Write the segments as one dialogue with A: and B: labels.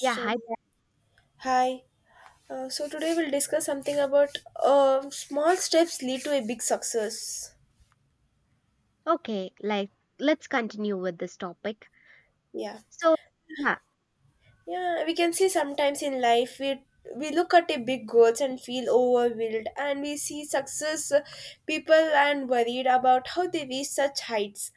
A: Yeah, hi.
B: hi. So today we'll discuss something about small steps lead to a big success.
A: Okay, like let's continue with this topic.
B: Yeah.
A: So, yeah,
B: Yeah, we can see sometimes in life we look at a big goals and feel overwhelmed, and we see success people and worried about how they reach such heights.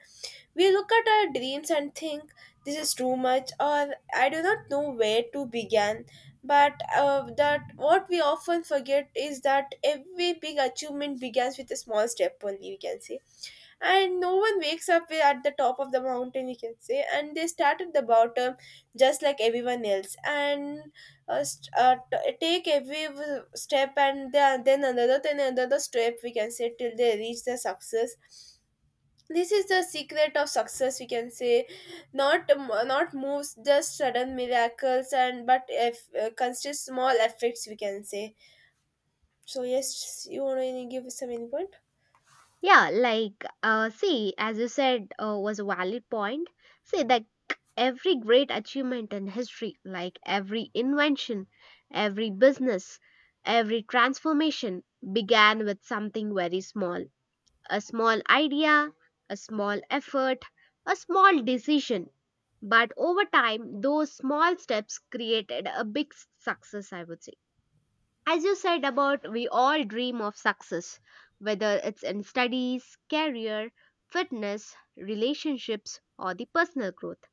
B: We look at our dreams and think this is too much, or I do not know where to begin. But that what we often forget is that every big achievement begins with a small step only. We can say and no one wakes up at the top of the mountain you can say and they start at the bottom just like everyone else and take every step and then another step we can say till they reach the success. This is the secret of success we can say, not not moves just sudden miracles and but if consist small effects we can say. So yes, you want to give some input?
A: as you said, was a valid point. See, like every great achievement in history, like every invention, every business, every transformation began with something very small. A small idea, a small effort, a small decision. But over time, those small steps created a big success, I would say. As you said, about we all dream of success, whether it's in studies, career, fitness, relationships, or the personal growth.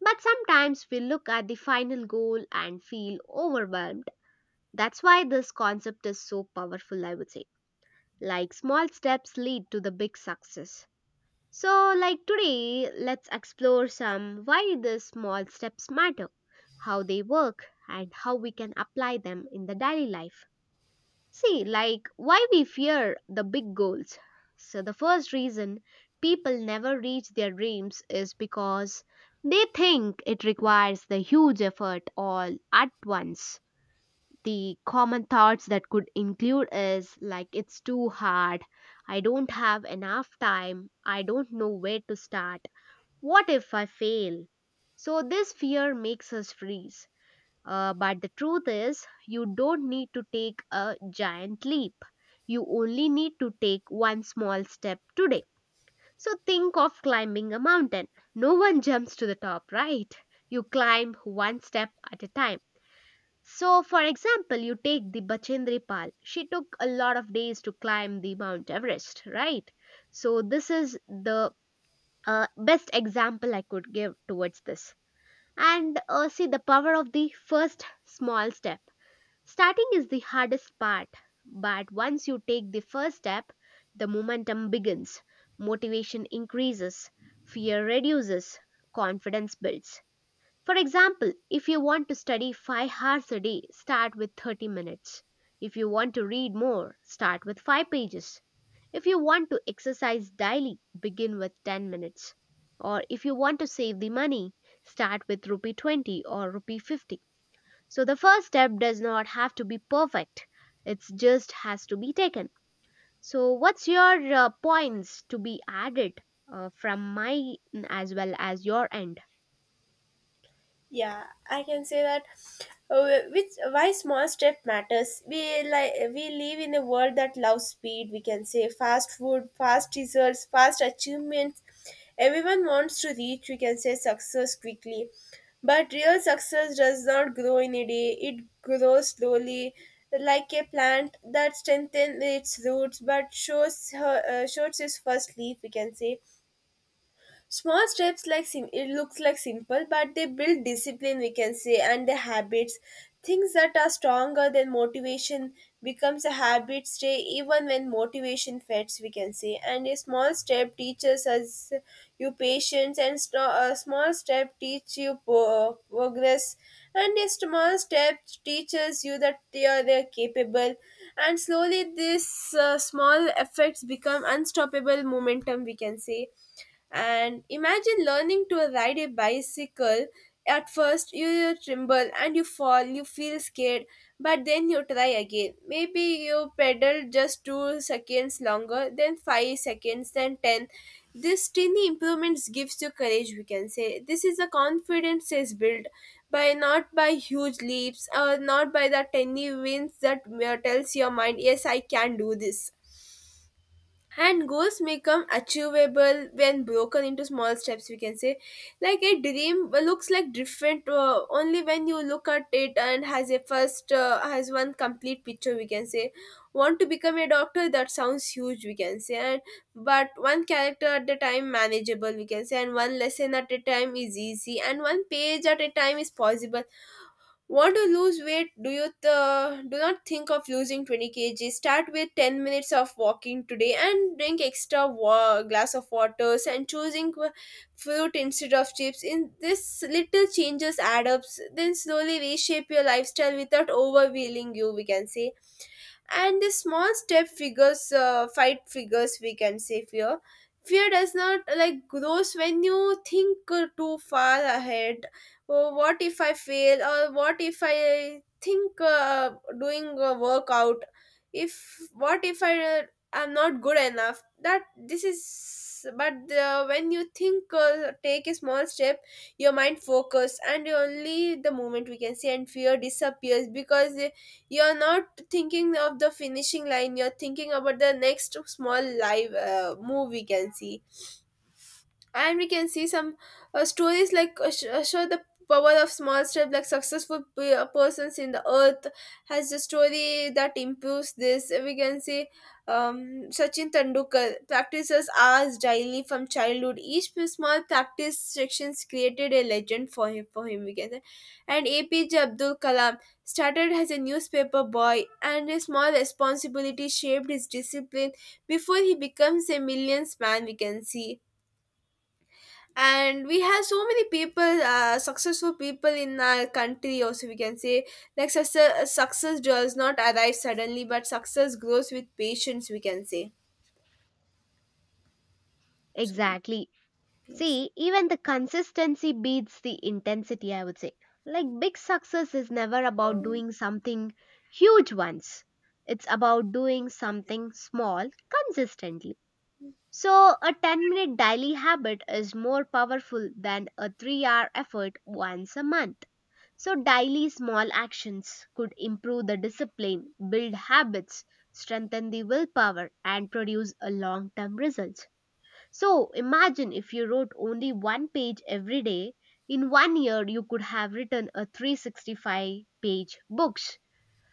A: But sometimes we look at the final goal and feel overwhelmed. That's why this concept is so powerful, I would say. Like small steps lead to the big success. So, like today, let's explore some why these small steps matter, how they work, and how we can apply them in the daily life. See, like why we fear the big goals. So, the first reason people never reach their dreams is because they think it requires the huge effort all at once. The common thoughts that could include is like it's too hard, I don't have enough time, I don't know where to start, what if I fail? So, this fear makes us freeze. But the truth is, you don't need to take a giant leap. You only need to take one small step today. So think of climbing a mountain. No one jumps to the top, right? You climb one step at a time. So, for example, you take the Bachendri Pal. She took a lot of days to climb the Mount Everest, right? So, this is the best example I could give towards this. And see the power of the first small step. Starting is the hardest part, but once you take the first step, the momentum begins, motivation increases, fear reduces, confidence builds. For example, if you want to study 5 hours a day, start with 30 minutes. If you want to read more, start with 5 pages. If you want to exercise daily, begin with 10 minutes. Or if you want to save the money, start with rupee 20 or rupee 50. So the first step does not have to be perfect. It just has to be taken. So what's your points to be added from my as well as your end?
B: Yeah, I can say that. Which why small step matters. We live in a world that loves speed. We can say fast food, fast results, fast achievements. Everyone wants to reach. We can say success quickly, but real success does not grow in a day. It grows slowly, like a plant that strengthens its roots but shows her shows its first leaf. We can say small steps like it looks like simple, but they build discipline we can say and the habits. Things that are stronger than motivation becomes a habit stay even when motivation fades we can say. And a small step teaches us you patience and a small step teach you progress and a small step teaches you that they are they're capable and slowly this small effects become unstoppable momentum we can say. And imagine learning to ride a bicycle. At first, you tremble and you fall, you feel scared, but then you try again. Maybe you pedal just 2 seconds longer, then 5 seconds, then 10. This tiny improvements gives you courage, we can say. This is a confidence is built by not by huge leaps or not by the tiny wins that tells your mind, yes, I can do this, and goals become achievable when broken into small steps we can say, like a dream looks like different only when you look at it and has a first has one complete picture we can say. Want to become a doctor? That sounds huge we can say, and but one character at a time manageable we can say, and one lesson at a time is easy and one page at a time is possible. Want to lose weight? Do not think of losing 20 kg. Start with 10 minutes of walking today and drink extra glass of water and choosing fruit instead of chips. In this little changes add up. Then slowly reshape your lifestyle without overwhelming you. We can say. And the small step figures fight figures we can say fear. Fear does not like grows when you think too far ahead. Oh, what if I fail, or what if I think doing a workout, if what if I am not good enough, that this is. But when you think take a small step, your mind focus and only the moment we can see, and fear disappears because you're not thinking of the finishing line, you're thinking about the next small live move we can see. And we can see some stories like show the power of small steps, like successful persons in the earth has a story that improves this we can see. um, Sachin Tendulkar practices hours daily from childhood. Each small practice sections created a legend for him we can say. And APJ Abdul Kalam started as a newspaper boy, and a small responsibility shaped his discipline before he becomes a millions man we can see. And we have so many people successful people in our country also we can say. Like success does not arrive suddenly, but success grows with patience we can say. So
A: Exactly.
B: yes.
A: See, even the consistency beats the intensity, I would say. Like big success is never about doing something huge once. It's about doing something small consistently. So, a 10-minute daily habit is more powerful than a 3-hour effort once a month. So, daily small actions could improve the discipline, build habits, strengthen the willpower, and produce a long term results. So, imagine if you wrote only one page every day. In 1 year, you could have written a 365-page books.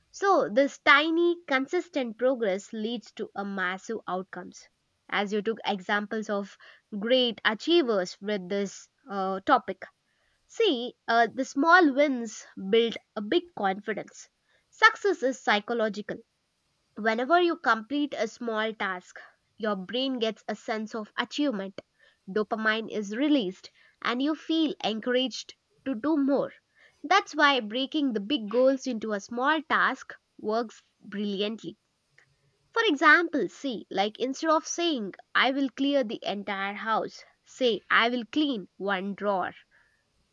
A: So, this tiny, consistent progress leads to a massive outcomes. As you took examples of great achievers with this topic, see the small wins build a big confidence. Success is psychological. Whenever you complete a small task, your brain gets a sense of achievement. Dopamine is released and you feel encouraged to do more. That's why breaking the big goals into a small task works brilliantly. For example, see, like instead of saying, I will clear the entire house, say, I will clean one drawer.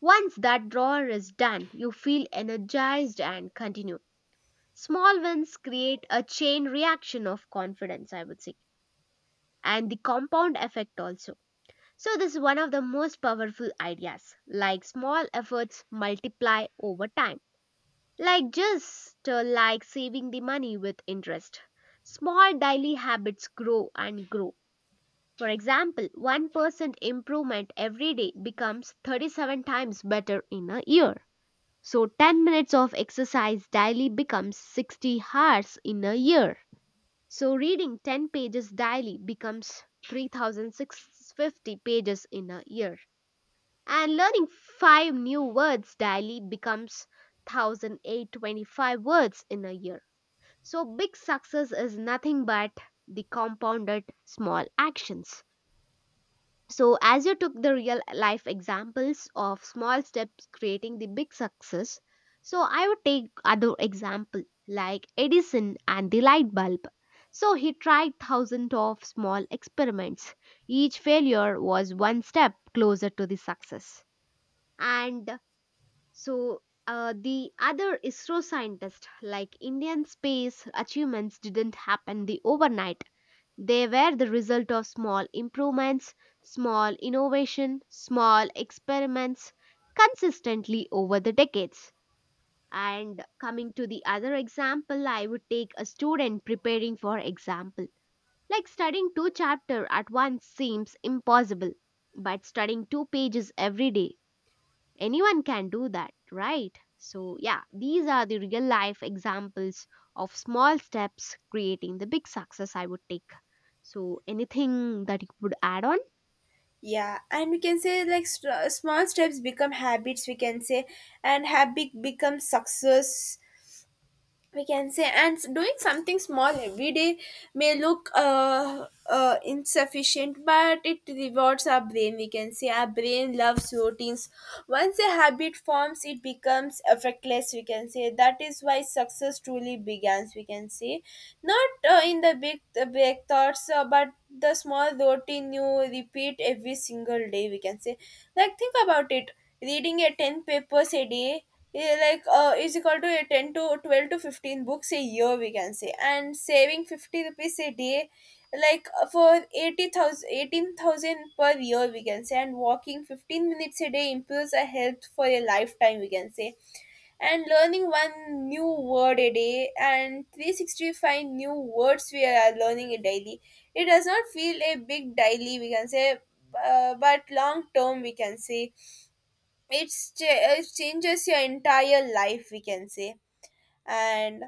A: Once that drawer is done, you feel energized and continue. Small wins create a chain reaction of confidence, I would say, and the compound effect also. So, this is one of the most powerful ideas. Like small efforts multiply over time. Like just like saving the money with interest. Small daily habits grow and grow. For example, 1% improvement every day becomes 37 times better in a year. So, 10 minutes of exercise daily becomes 60 hours in a year. So reading 10 pages daily becomes 3650 pages in a year. And learning 5 new words daily becomes 1825 words in a year. So big success is nothing but the compounded small actions. So, as you took the real life examples of small steps creating the big success, so I would take other example like Edison and the light bulb. So he tried thousands of small experiments. Each failure was one step closer to the success. And so the other ISRO scientist, like Indian space achievements didn't happen the overnight, they were the result of small improvements, small innovation, small experiments consistently over the decades. And coming to the other example, I would take a student preparing for example. Like studying two chapters at once seems impossible, but studying two pages every day, anyone can do that, right? So yeah, these are the real life examples of small steps creating the big success, I would take. So anything that you would add on?
B: Yeah, and we can say like small steps become habits we can say, and habit becomes success we can say, and doing something small every day may look insufficient but it rewards our brain we can say. Our brain loves routines. Once a habit forms, it becomes effortless we can say. That is why success truly begins we can say, not in the big thoughts but the small routine you repeat every single day we can say. Like think about it, reading a 10 papers a day, yeah, like is equal to a 10 to 12 to 15 books a year we can say, and saving 50 rupees a day, like for 80,000 18,000 per year we can say, and walking 15 minutes a day improves our health for a lifetime we can say. And learning one new word a day and 365 new words we are learning a daily. It does not feel a big daily we can say, but long term we can say, it's cha- it changes your entire life we can say. And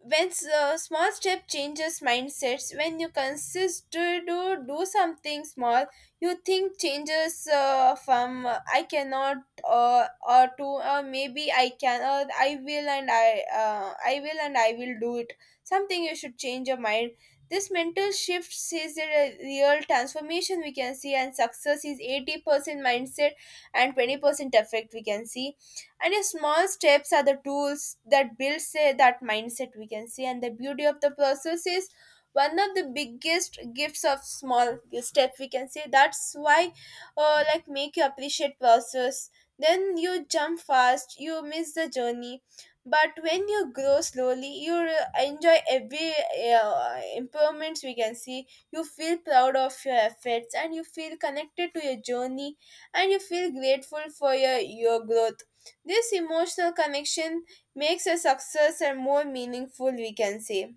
B: when small step changes mindsets, when you consist to do something small, you think changes from I cannot, or to maybe I can, or I will, and I will, and I will do it. Something you should change your mind. This mental shift is a real transformation we can see, and success is 80% mindset and 20% effect we can see, and your small steps are the tools that builds say, that mindset we can see. And the beauty of the process is one of the biggest gifts of small step we can say. That's why like make you appreciate process. Then you jump fast you miss the journey, but when you grow slowly you enjoy every improvements we can see. You feel proud of your efforts and you feel connected to your journey, and you feel grateful for your growth. This emotional connection makes a successor more meaningful, we can say.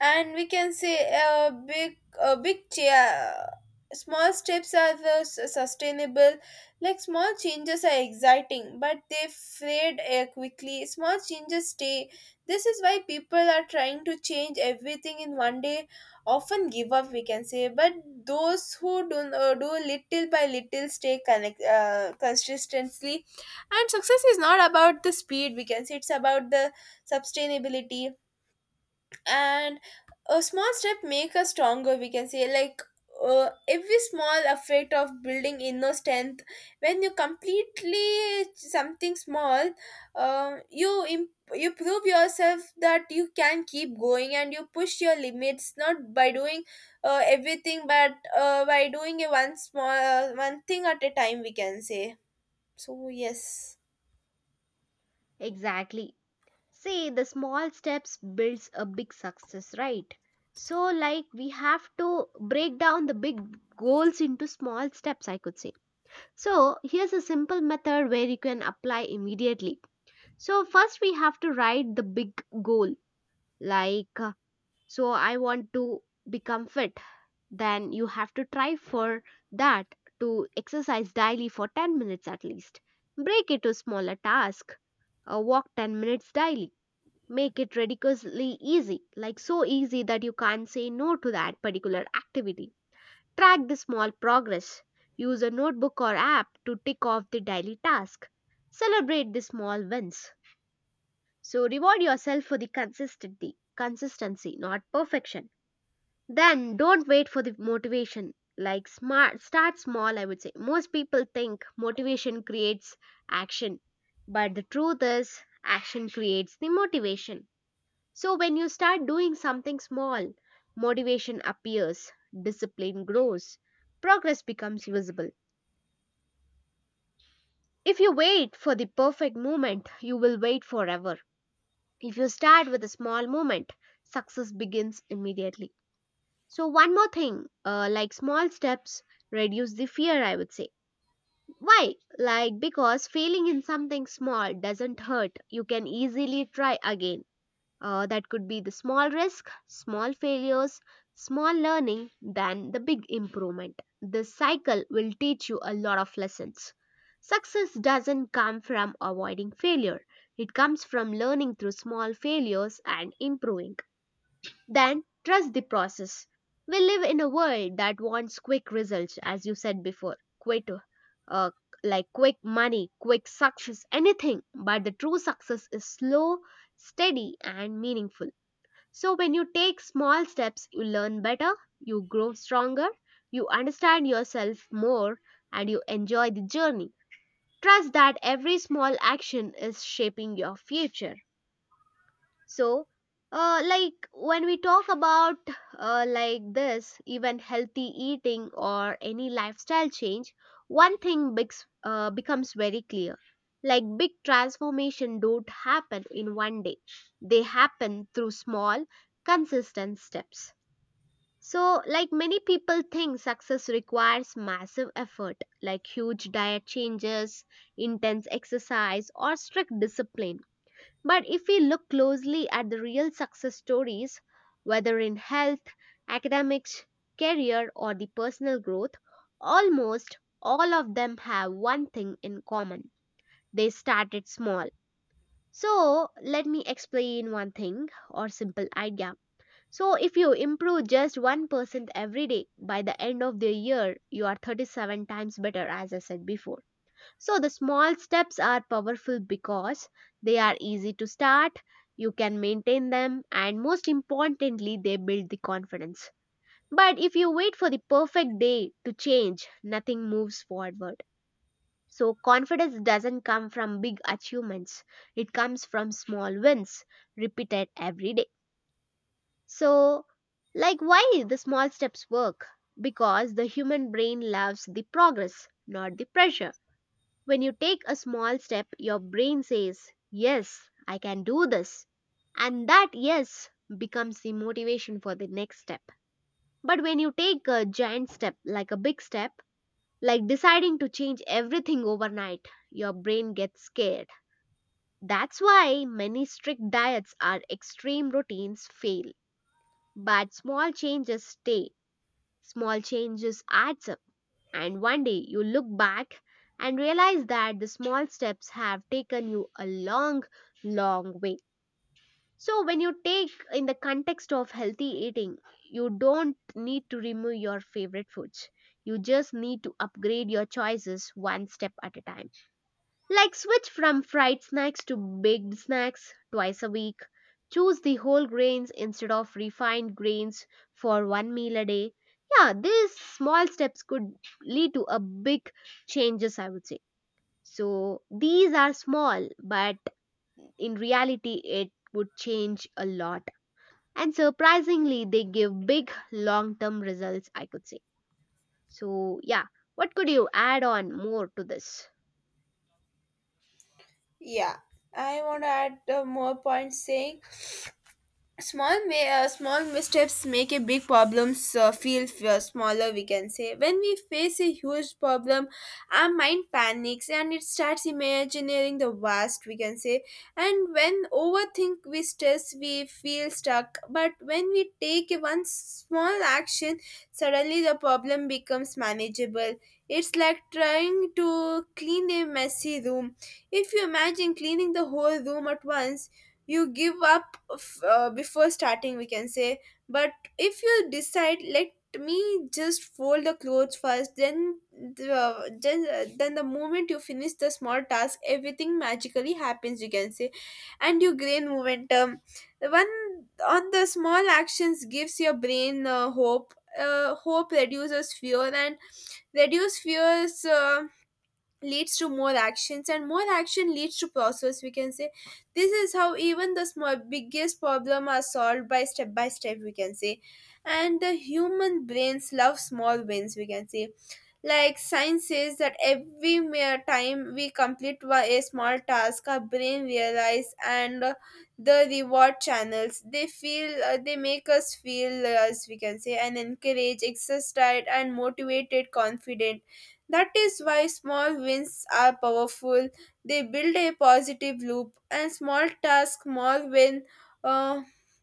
B: And we can say a big small steps are the sustainable. Like small changes are exciting but they fade quickly, small changes stay. This is why people are trying to change everything in one day often give up we can say, but those who do, do little by little stay connect consistently, and success is not about the speed we can say, it's about the sustainability. And a small step make us stronger we can say, like every small effect of building inner strength. When you completely something small, you you prove yourself that you can keep going, and you push your limits not by doing everything, but by doing a one small one thing at a time we can say. So yes.
A: Exactly. See, the small steps builds a big success, right? So like we have to break down the big goals into small steps, I could say. So here's a simple method where you can apply immediately. So first we have to write the big goal, like so I want to become fit. Then you have to try for that to exercise daily for 10 minutes at least. Break it to smaller task, walk 10 minutes daily. Make it ridiculously easy, like so easy that you can't say no to that particular activity. Track the small progress, use a notebook or app to tick off the daily task. Celebrate the small wins, so reward yourself for the consistency. Consistency, not perfection. Then don't wait for the motivation. Like smart start small, I would say. Most people think motivation creates action, but the truth is action creates the motivation. So when you start doing something small, motivation appears, discipline grows, progress becomes visible. If you wait for the perfect moment, you will wait forever. If you start with a small moment, success begins immediately. So, one more thing, like small steps reduce the fear, I would say. Why? Like, because failing in something small doesn't hurt. You can easily try again. That could be the small risk, small failures, small learning, than the big improvement. This cycle will teach you a lot of lessons. Success doesn't come from avoiding failure, it comes from learning through small failures and improving. Then trust the process. We live in a world that wants quick results, as you said before, uh, like quick money, quick success, anything. But the true success is slow, steady, and meaningful. So when you take small steps, you learn better, you grow stronger, you understand yourself more, and you enjoy the journey. Trust that every small action is shaping your future. So, when we talk about like this, even healthy eating or any lifestyle change, one thing becomes very clear. Like big transformation don't happen in 1 day. They happen through small, consistent steps. So, like many people think success requires massive effort, like huge diet changes, intense exercise, or strict discipline, but if we look closely at the real success stories, whether in health, academics, career, or the personal growth, almost all of them have one thing in common. They started small. So, let me explain one thing or simple idea. So, if you improve just 1% every day, by the end of the year, you are 37 times better, as I said before. So the small steps are powerful because they are easy to start, you can maintain them, and most importantly, they build the confidence. But if you wait for the perfect day to change, nothing moves forward. So confidence doesn't come from big achievements, it comes from small wins repeated every day. So, like why the small steps work? Because the human brain loves the progress, not the pressure. When you take a small step, your brain says, yes, I can do this. And that yes becomes the motivation for the next step. But when you take a giant step, like a big step, like deciding to change everything overnight, your brain gets scared. That's why many strict diets or extreme routines fail. But small changes stay. Small changes adds up. And 1 day you look back and realize that the small steps have taken you a long, long way. So, when you take in the context of healthy eating, you don't need to remove your favorite foods. You just need to upgrade your choices one step at a time. Like switch from fried snacks to baked snacks twice a week. Choose the whole grains instead of refined grains for one meal a day. Yeah, these small steps could lead to a big changes, I would say. So these are small but in reality it would change a lot, and surprisingly they give big long term results, I could say. So yeah, what could you add on more to this?
B: Yeah, I want to add more points saying small may small missteps make a big problems feel smaller we can say. When we face a huge problem, our mind panics and it starts imagining the worst we can say, and when overthink we stress we feel stuck, but when we take one small action, suddenly the problem becomes manageable. It's like trying to clean a messy room. If you imagine cleaning the whole room at once, you give up before starting we can say. But if you decide, let me just fold the clothes first, then the moment you finish the small task everything magically happens you can say, and you gain momentum. One on the small actions gives your brain hope. Hope reduces fear, and reduce fears leads to more actions, and more action leads to process we can say. This is how even the small biggest problem are solved by step we can say. And the human brains love small wins we can say. Like science says that every mere time we complete a small task, our brain realize and the reward channels, they feel they make us feel as we can say, and encourage exercised and motivated confident. That is why small wins are powerful. They build a positive loop and small task more win, uh,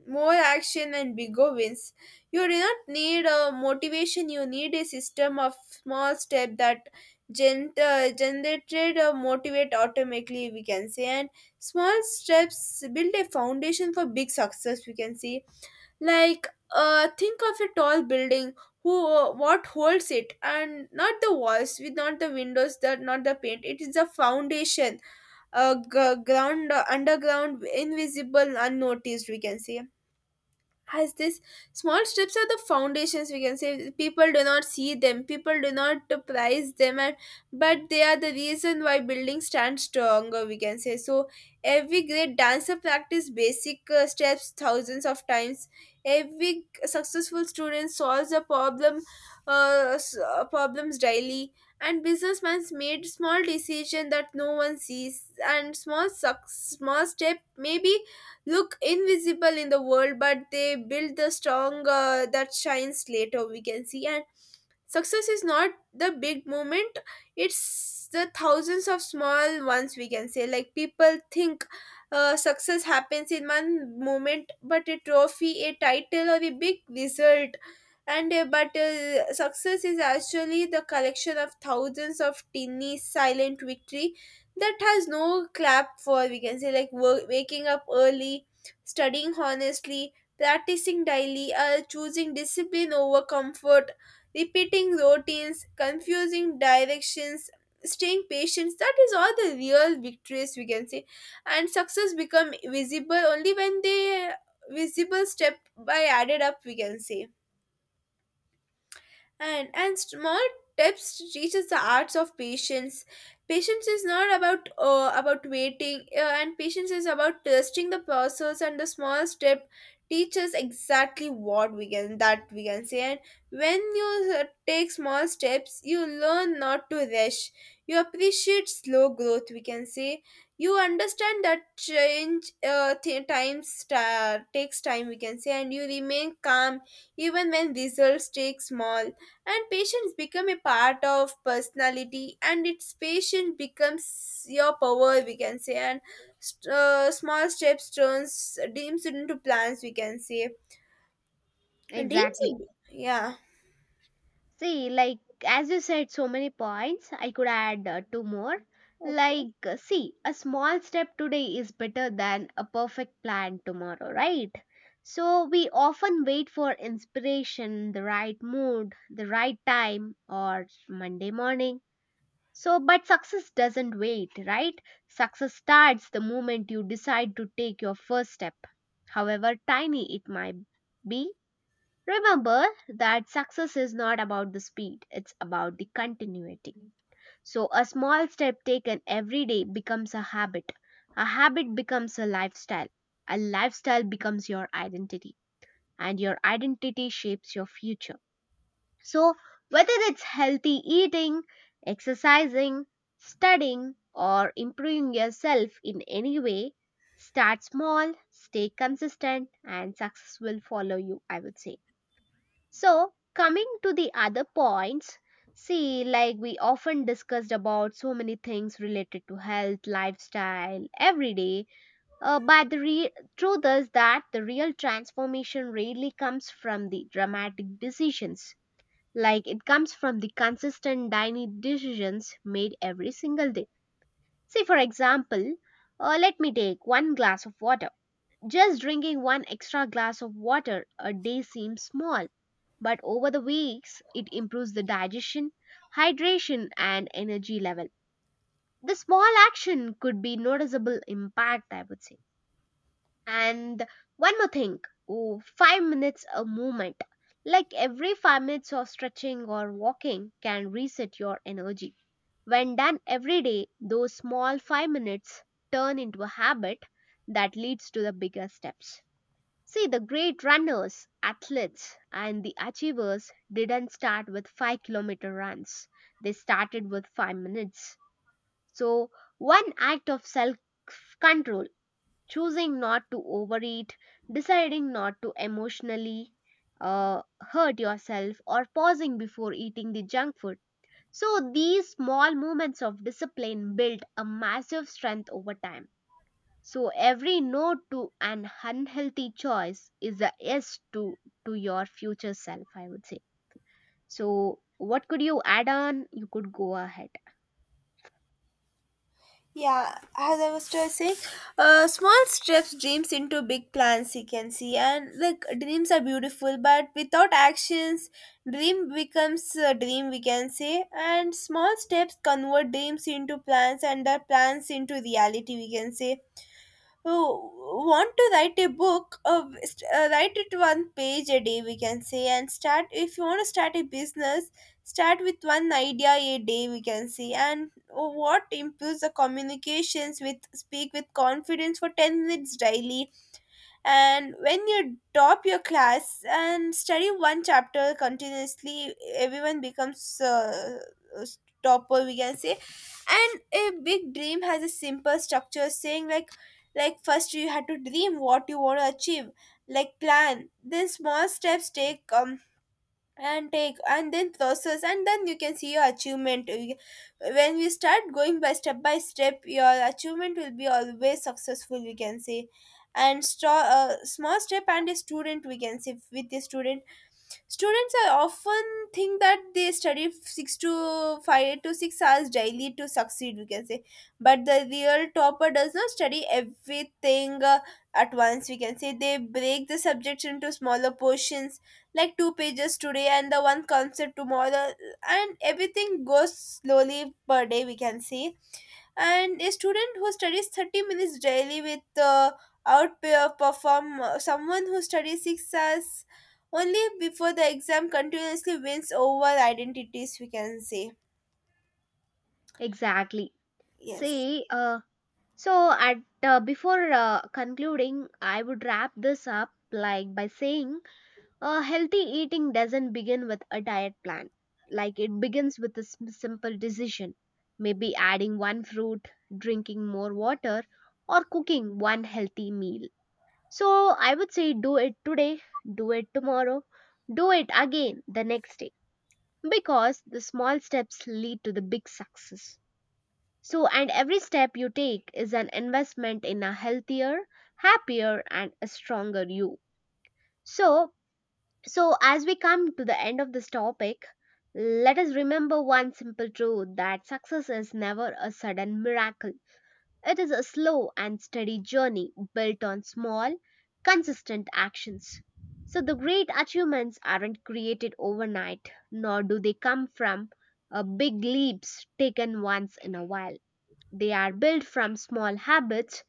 B: more action and bigger wins. You do not need a motivation, you need a system of small step that generated motivate automatically we can say. And small steps build a foundation for big success we can see, like think of a tall building. Who what holds it? And not The walls, with not the windows, that not the paint, it is the foundation. G- ground Underground, invisible, unnoticed, we can say has this. Small steps are the foundations, we can say. People do not see them, people do not prize them, and but they are the reason why buildings stand stronger, we can say. So every great dancer practice basic steps thousands of times. Every successful student solves a problem, problems daily. And businessman's made small decision that no one sees, and small small step maybe look invisible in the world, but they build the strong that shines later, we can see. And success is not the big moment, it's the thousands of small ones, we can say. Like people think success happens in one moment, but a trophy, a title, or a big result. And but Success is actually the collection of thousands of tiny silent victory that has no clap for, we can say. Like work, waking up early, studying honestly, practicing daily, choosing discipline over comfort, repeating routines, confusing directions, staying patient, that is all the real victories, we can say. And success become visible only when they visible step by added up, we can say. And small tips teaches the arts of patience. Patience is not about waiting and patience is about trusting the process, and the small step teaches exactly what we can that we can say. And when you take small steps, you learn not to rush, you appreciate slow growth, we can say. You understand that change takes time, we can say, and you remain calm even when results take small. And patience become a part of personality, and its patience becomes your power, we can say. And Small steps turns dreams into plans, we can say. And dreams,
A: Exactly.
B: yeah.
A: See, like, as you said, so many points. I could add two more.
B: Okay.
A: Like, see, a small step today is better than a perfect plan tomorrow, right? So, we often wait for inspiration, the right mood, the right time, or Monday morning. So, but success doesn't wait, right? Success starts the moment you decide to take your first step, however tiny it might be. Remember that success is not about the speed, it's about the continuity. So, a small step taken every day becomes a habit. A habit becomes a lifestyle. A lifestyle becomes your identity, and your identity shapes your future. So, whether it's healthy eating, exercising, studying, or improving yourself in any way, start small, stay consistent, and success will follow you, I would say. So, coming to the other points, see, like we often discussed about so many things related to health, lifestyle, every day. But truth is that the real transformation rarely comes from the dramatic decisions. Like it comes from the consistent daily decisions made every single day. See, for example, let me take one glass of water. Just drinking one extra glass of water a day seems small, but over the weeks it improves the digestion, hydration and energy level. The small action could be noticeable impact, I would say. And one more thing, oh, 5 minutes a movement. Like every 5 minutes of stretching or walking can reset your energy. When done every day, those small 5 minutes turn into a habit that leads to the bigger steps. See, the great runners, athletes, and the achievers didn't start with 5-kilometer runs. They started with 5 minutes. So, one act of self control, choosing not to overeat, deciding not to emotionally hurt yourself, or pausing before eating the junk food. So, these small moments of discipline build a massive strength over time. So every no to an unhealthy choice is a yes to your future self, I would say. So what could you add on? You could go ahead.
B: Yeah, as I was just saying, small steps dreams into big plans. You can see, and like dreams are beautiful, but without actions, dream becomes a dream. We can say, and small steps convert dreams into plans, and the plans into reality. We can say, who want to write a book, write it one page a day, we can say. And start, if you want to start a business, start with one idea a day, we can say. And what improves the communications with speak with confidence for 10 minutes daily. And when you top your class and study one chapter continuously, everyone becomes a topper, we can say. And a big dream has a simple structure, saying like first you had to dream what you want to achieve, like plan, then small steps take and take and then process, and then you can see your achievement. When we start going by step by step, your achievement will be always successful, we can say. And small step and a student, we can say. With the student, students are often think that they study six to five to six hours daily to succeed, we can say. But the real topper does not study everything at once, we can say. They break the subjects into smaller portions, like two pages today and the one concept tomorrow, and everything goes slowly per day, we can see. And a student who studies 30 minutes daily with outperform someone who studies 6 hours only before the exam continuously wins over identities, we can say.
A: Exactly.
B: Yes.
A: See, so at before concluding, I would wrap this up like by saying, healthy eating doesn't begin with a diet plan. Like it begins with a simple decision, maybe adding one fruit, drinking more water, or cooking one healthy meal. So I would say do it today, do it tomorrow, do it again the next day because the small steps lead to the big success. So, and every step you take is an investment in a healthier, happier, and a stronger you. So, so as we come to the end of this topic, let us remember one simple truth that success is never a sudden miracle. It is a slow and steady journey built on small, consistent actions. So, the great achievements aren't created overnight, nor do they come from big leaps taken once in a while. They are built from small habits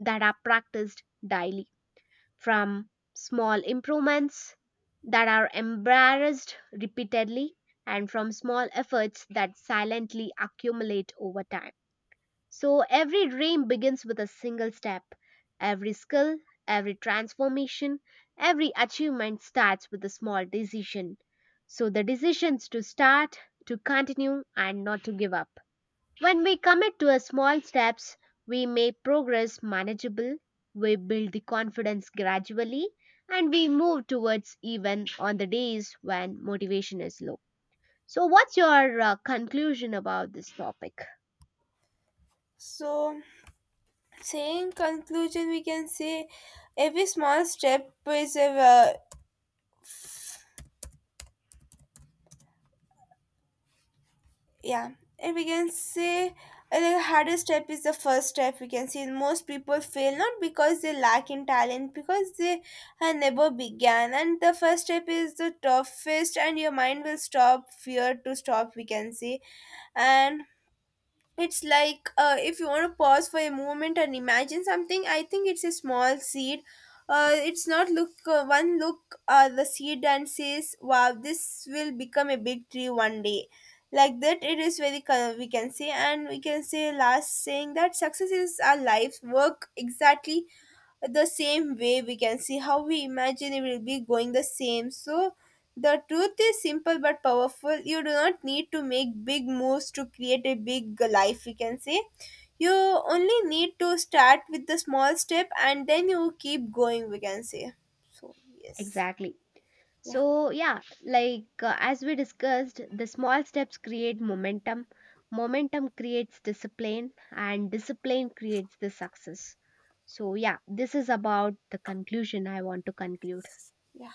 A: that are practiced daily, from small improvements that are embarrassed repeatedly, and from small efforts that silently accumulate over time. So every dream begins with a single step. Every skill, every transformation, every achievement starts with a small decision. So the decisions to start, to continue, and not to give up. When we commit to a small steps, we make progress manageable, we build the confidence gradually, and we move towards even on the days when motivation is low. So, what's your conclusion about this topic?
B: So, say conclusion, we can say, every small step is a yeah. And we can say, the hardest step is the first step, we can see. Most people fail not because they lack in talent, because they had never began, and the first step is the toughest, and your mind will stop fear to stop, we can say. And it's like, if you want to pause for a moment and imagine something, I think it's a small seed. It's not look one look the seed and says, "Wow, this will become a big tree one day." Like that, it is very we can say. And we can say, last saying that success is our life's work exactly the same way, we can see how we imagine it will be going the same. So the truth is simple but powerful. You do not need to make big moves to create a big life, we can say. You only need to start with the small step and then you keep going, we can say. So, yes.
A: Exactly.
B: Yeah,
A: So, yeah, like as we discussed, the small steps create momentum, momentum creates discipline, and discipline creates the success. So, yeah, this is about the conclusion I want to conclude.
B: yeah.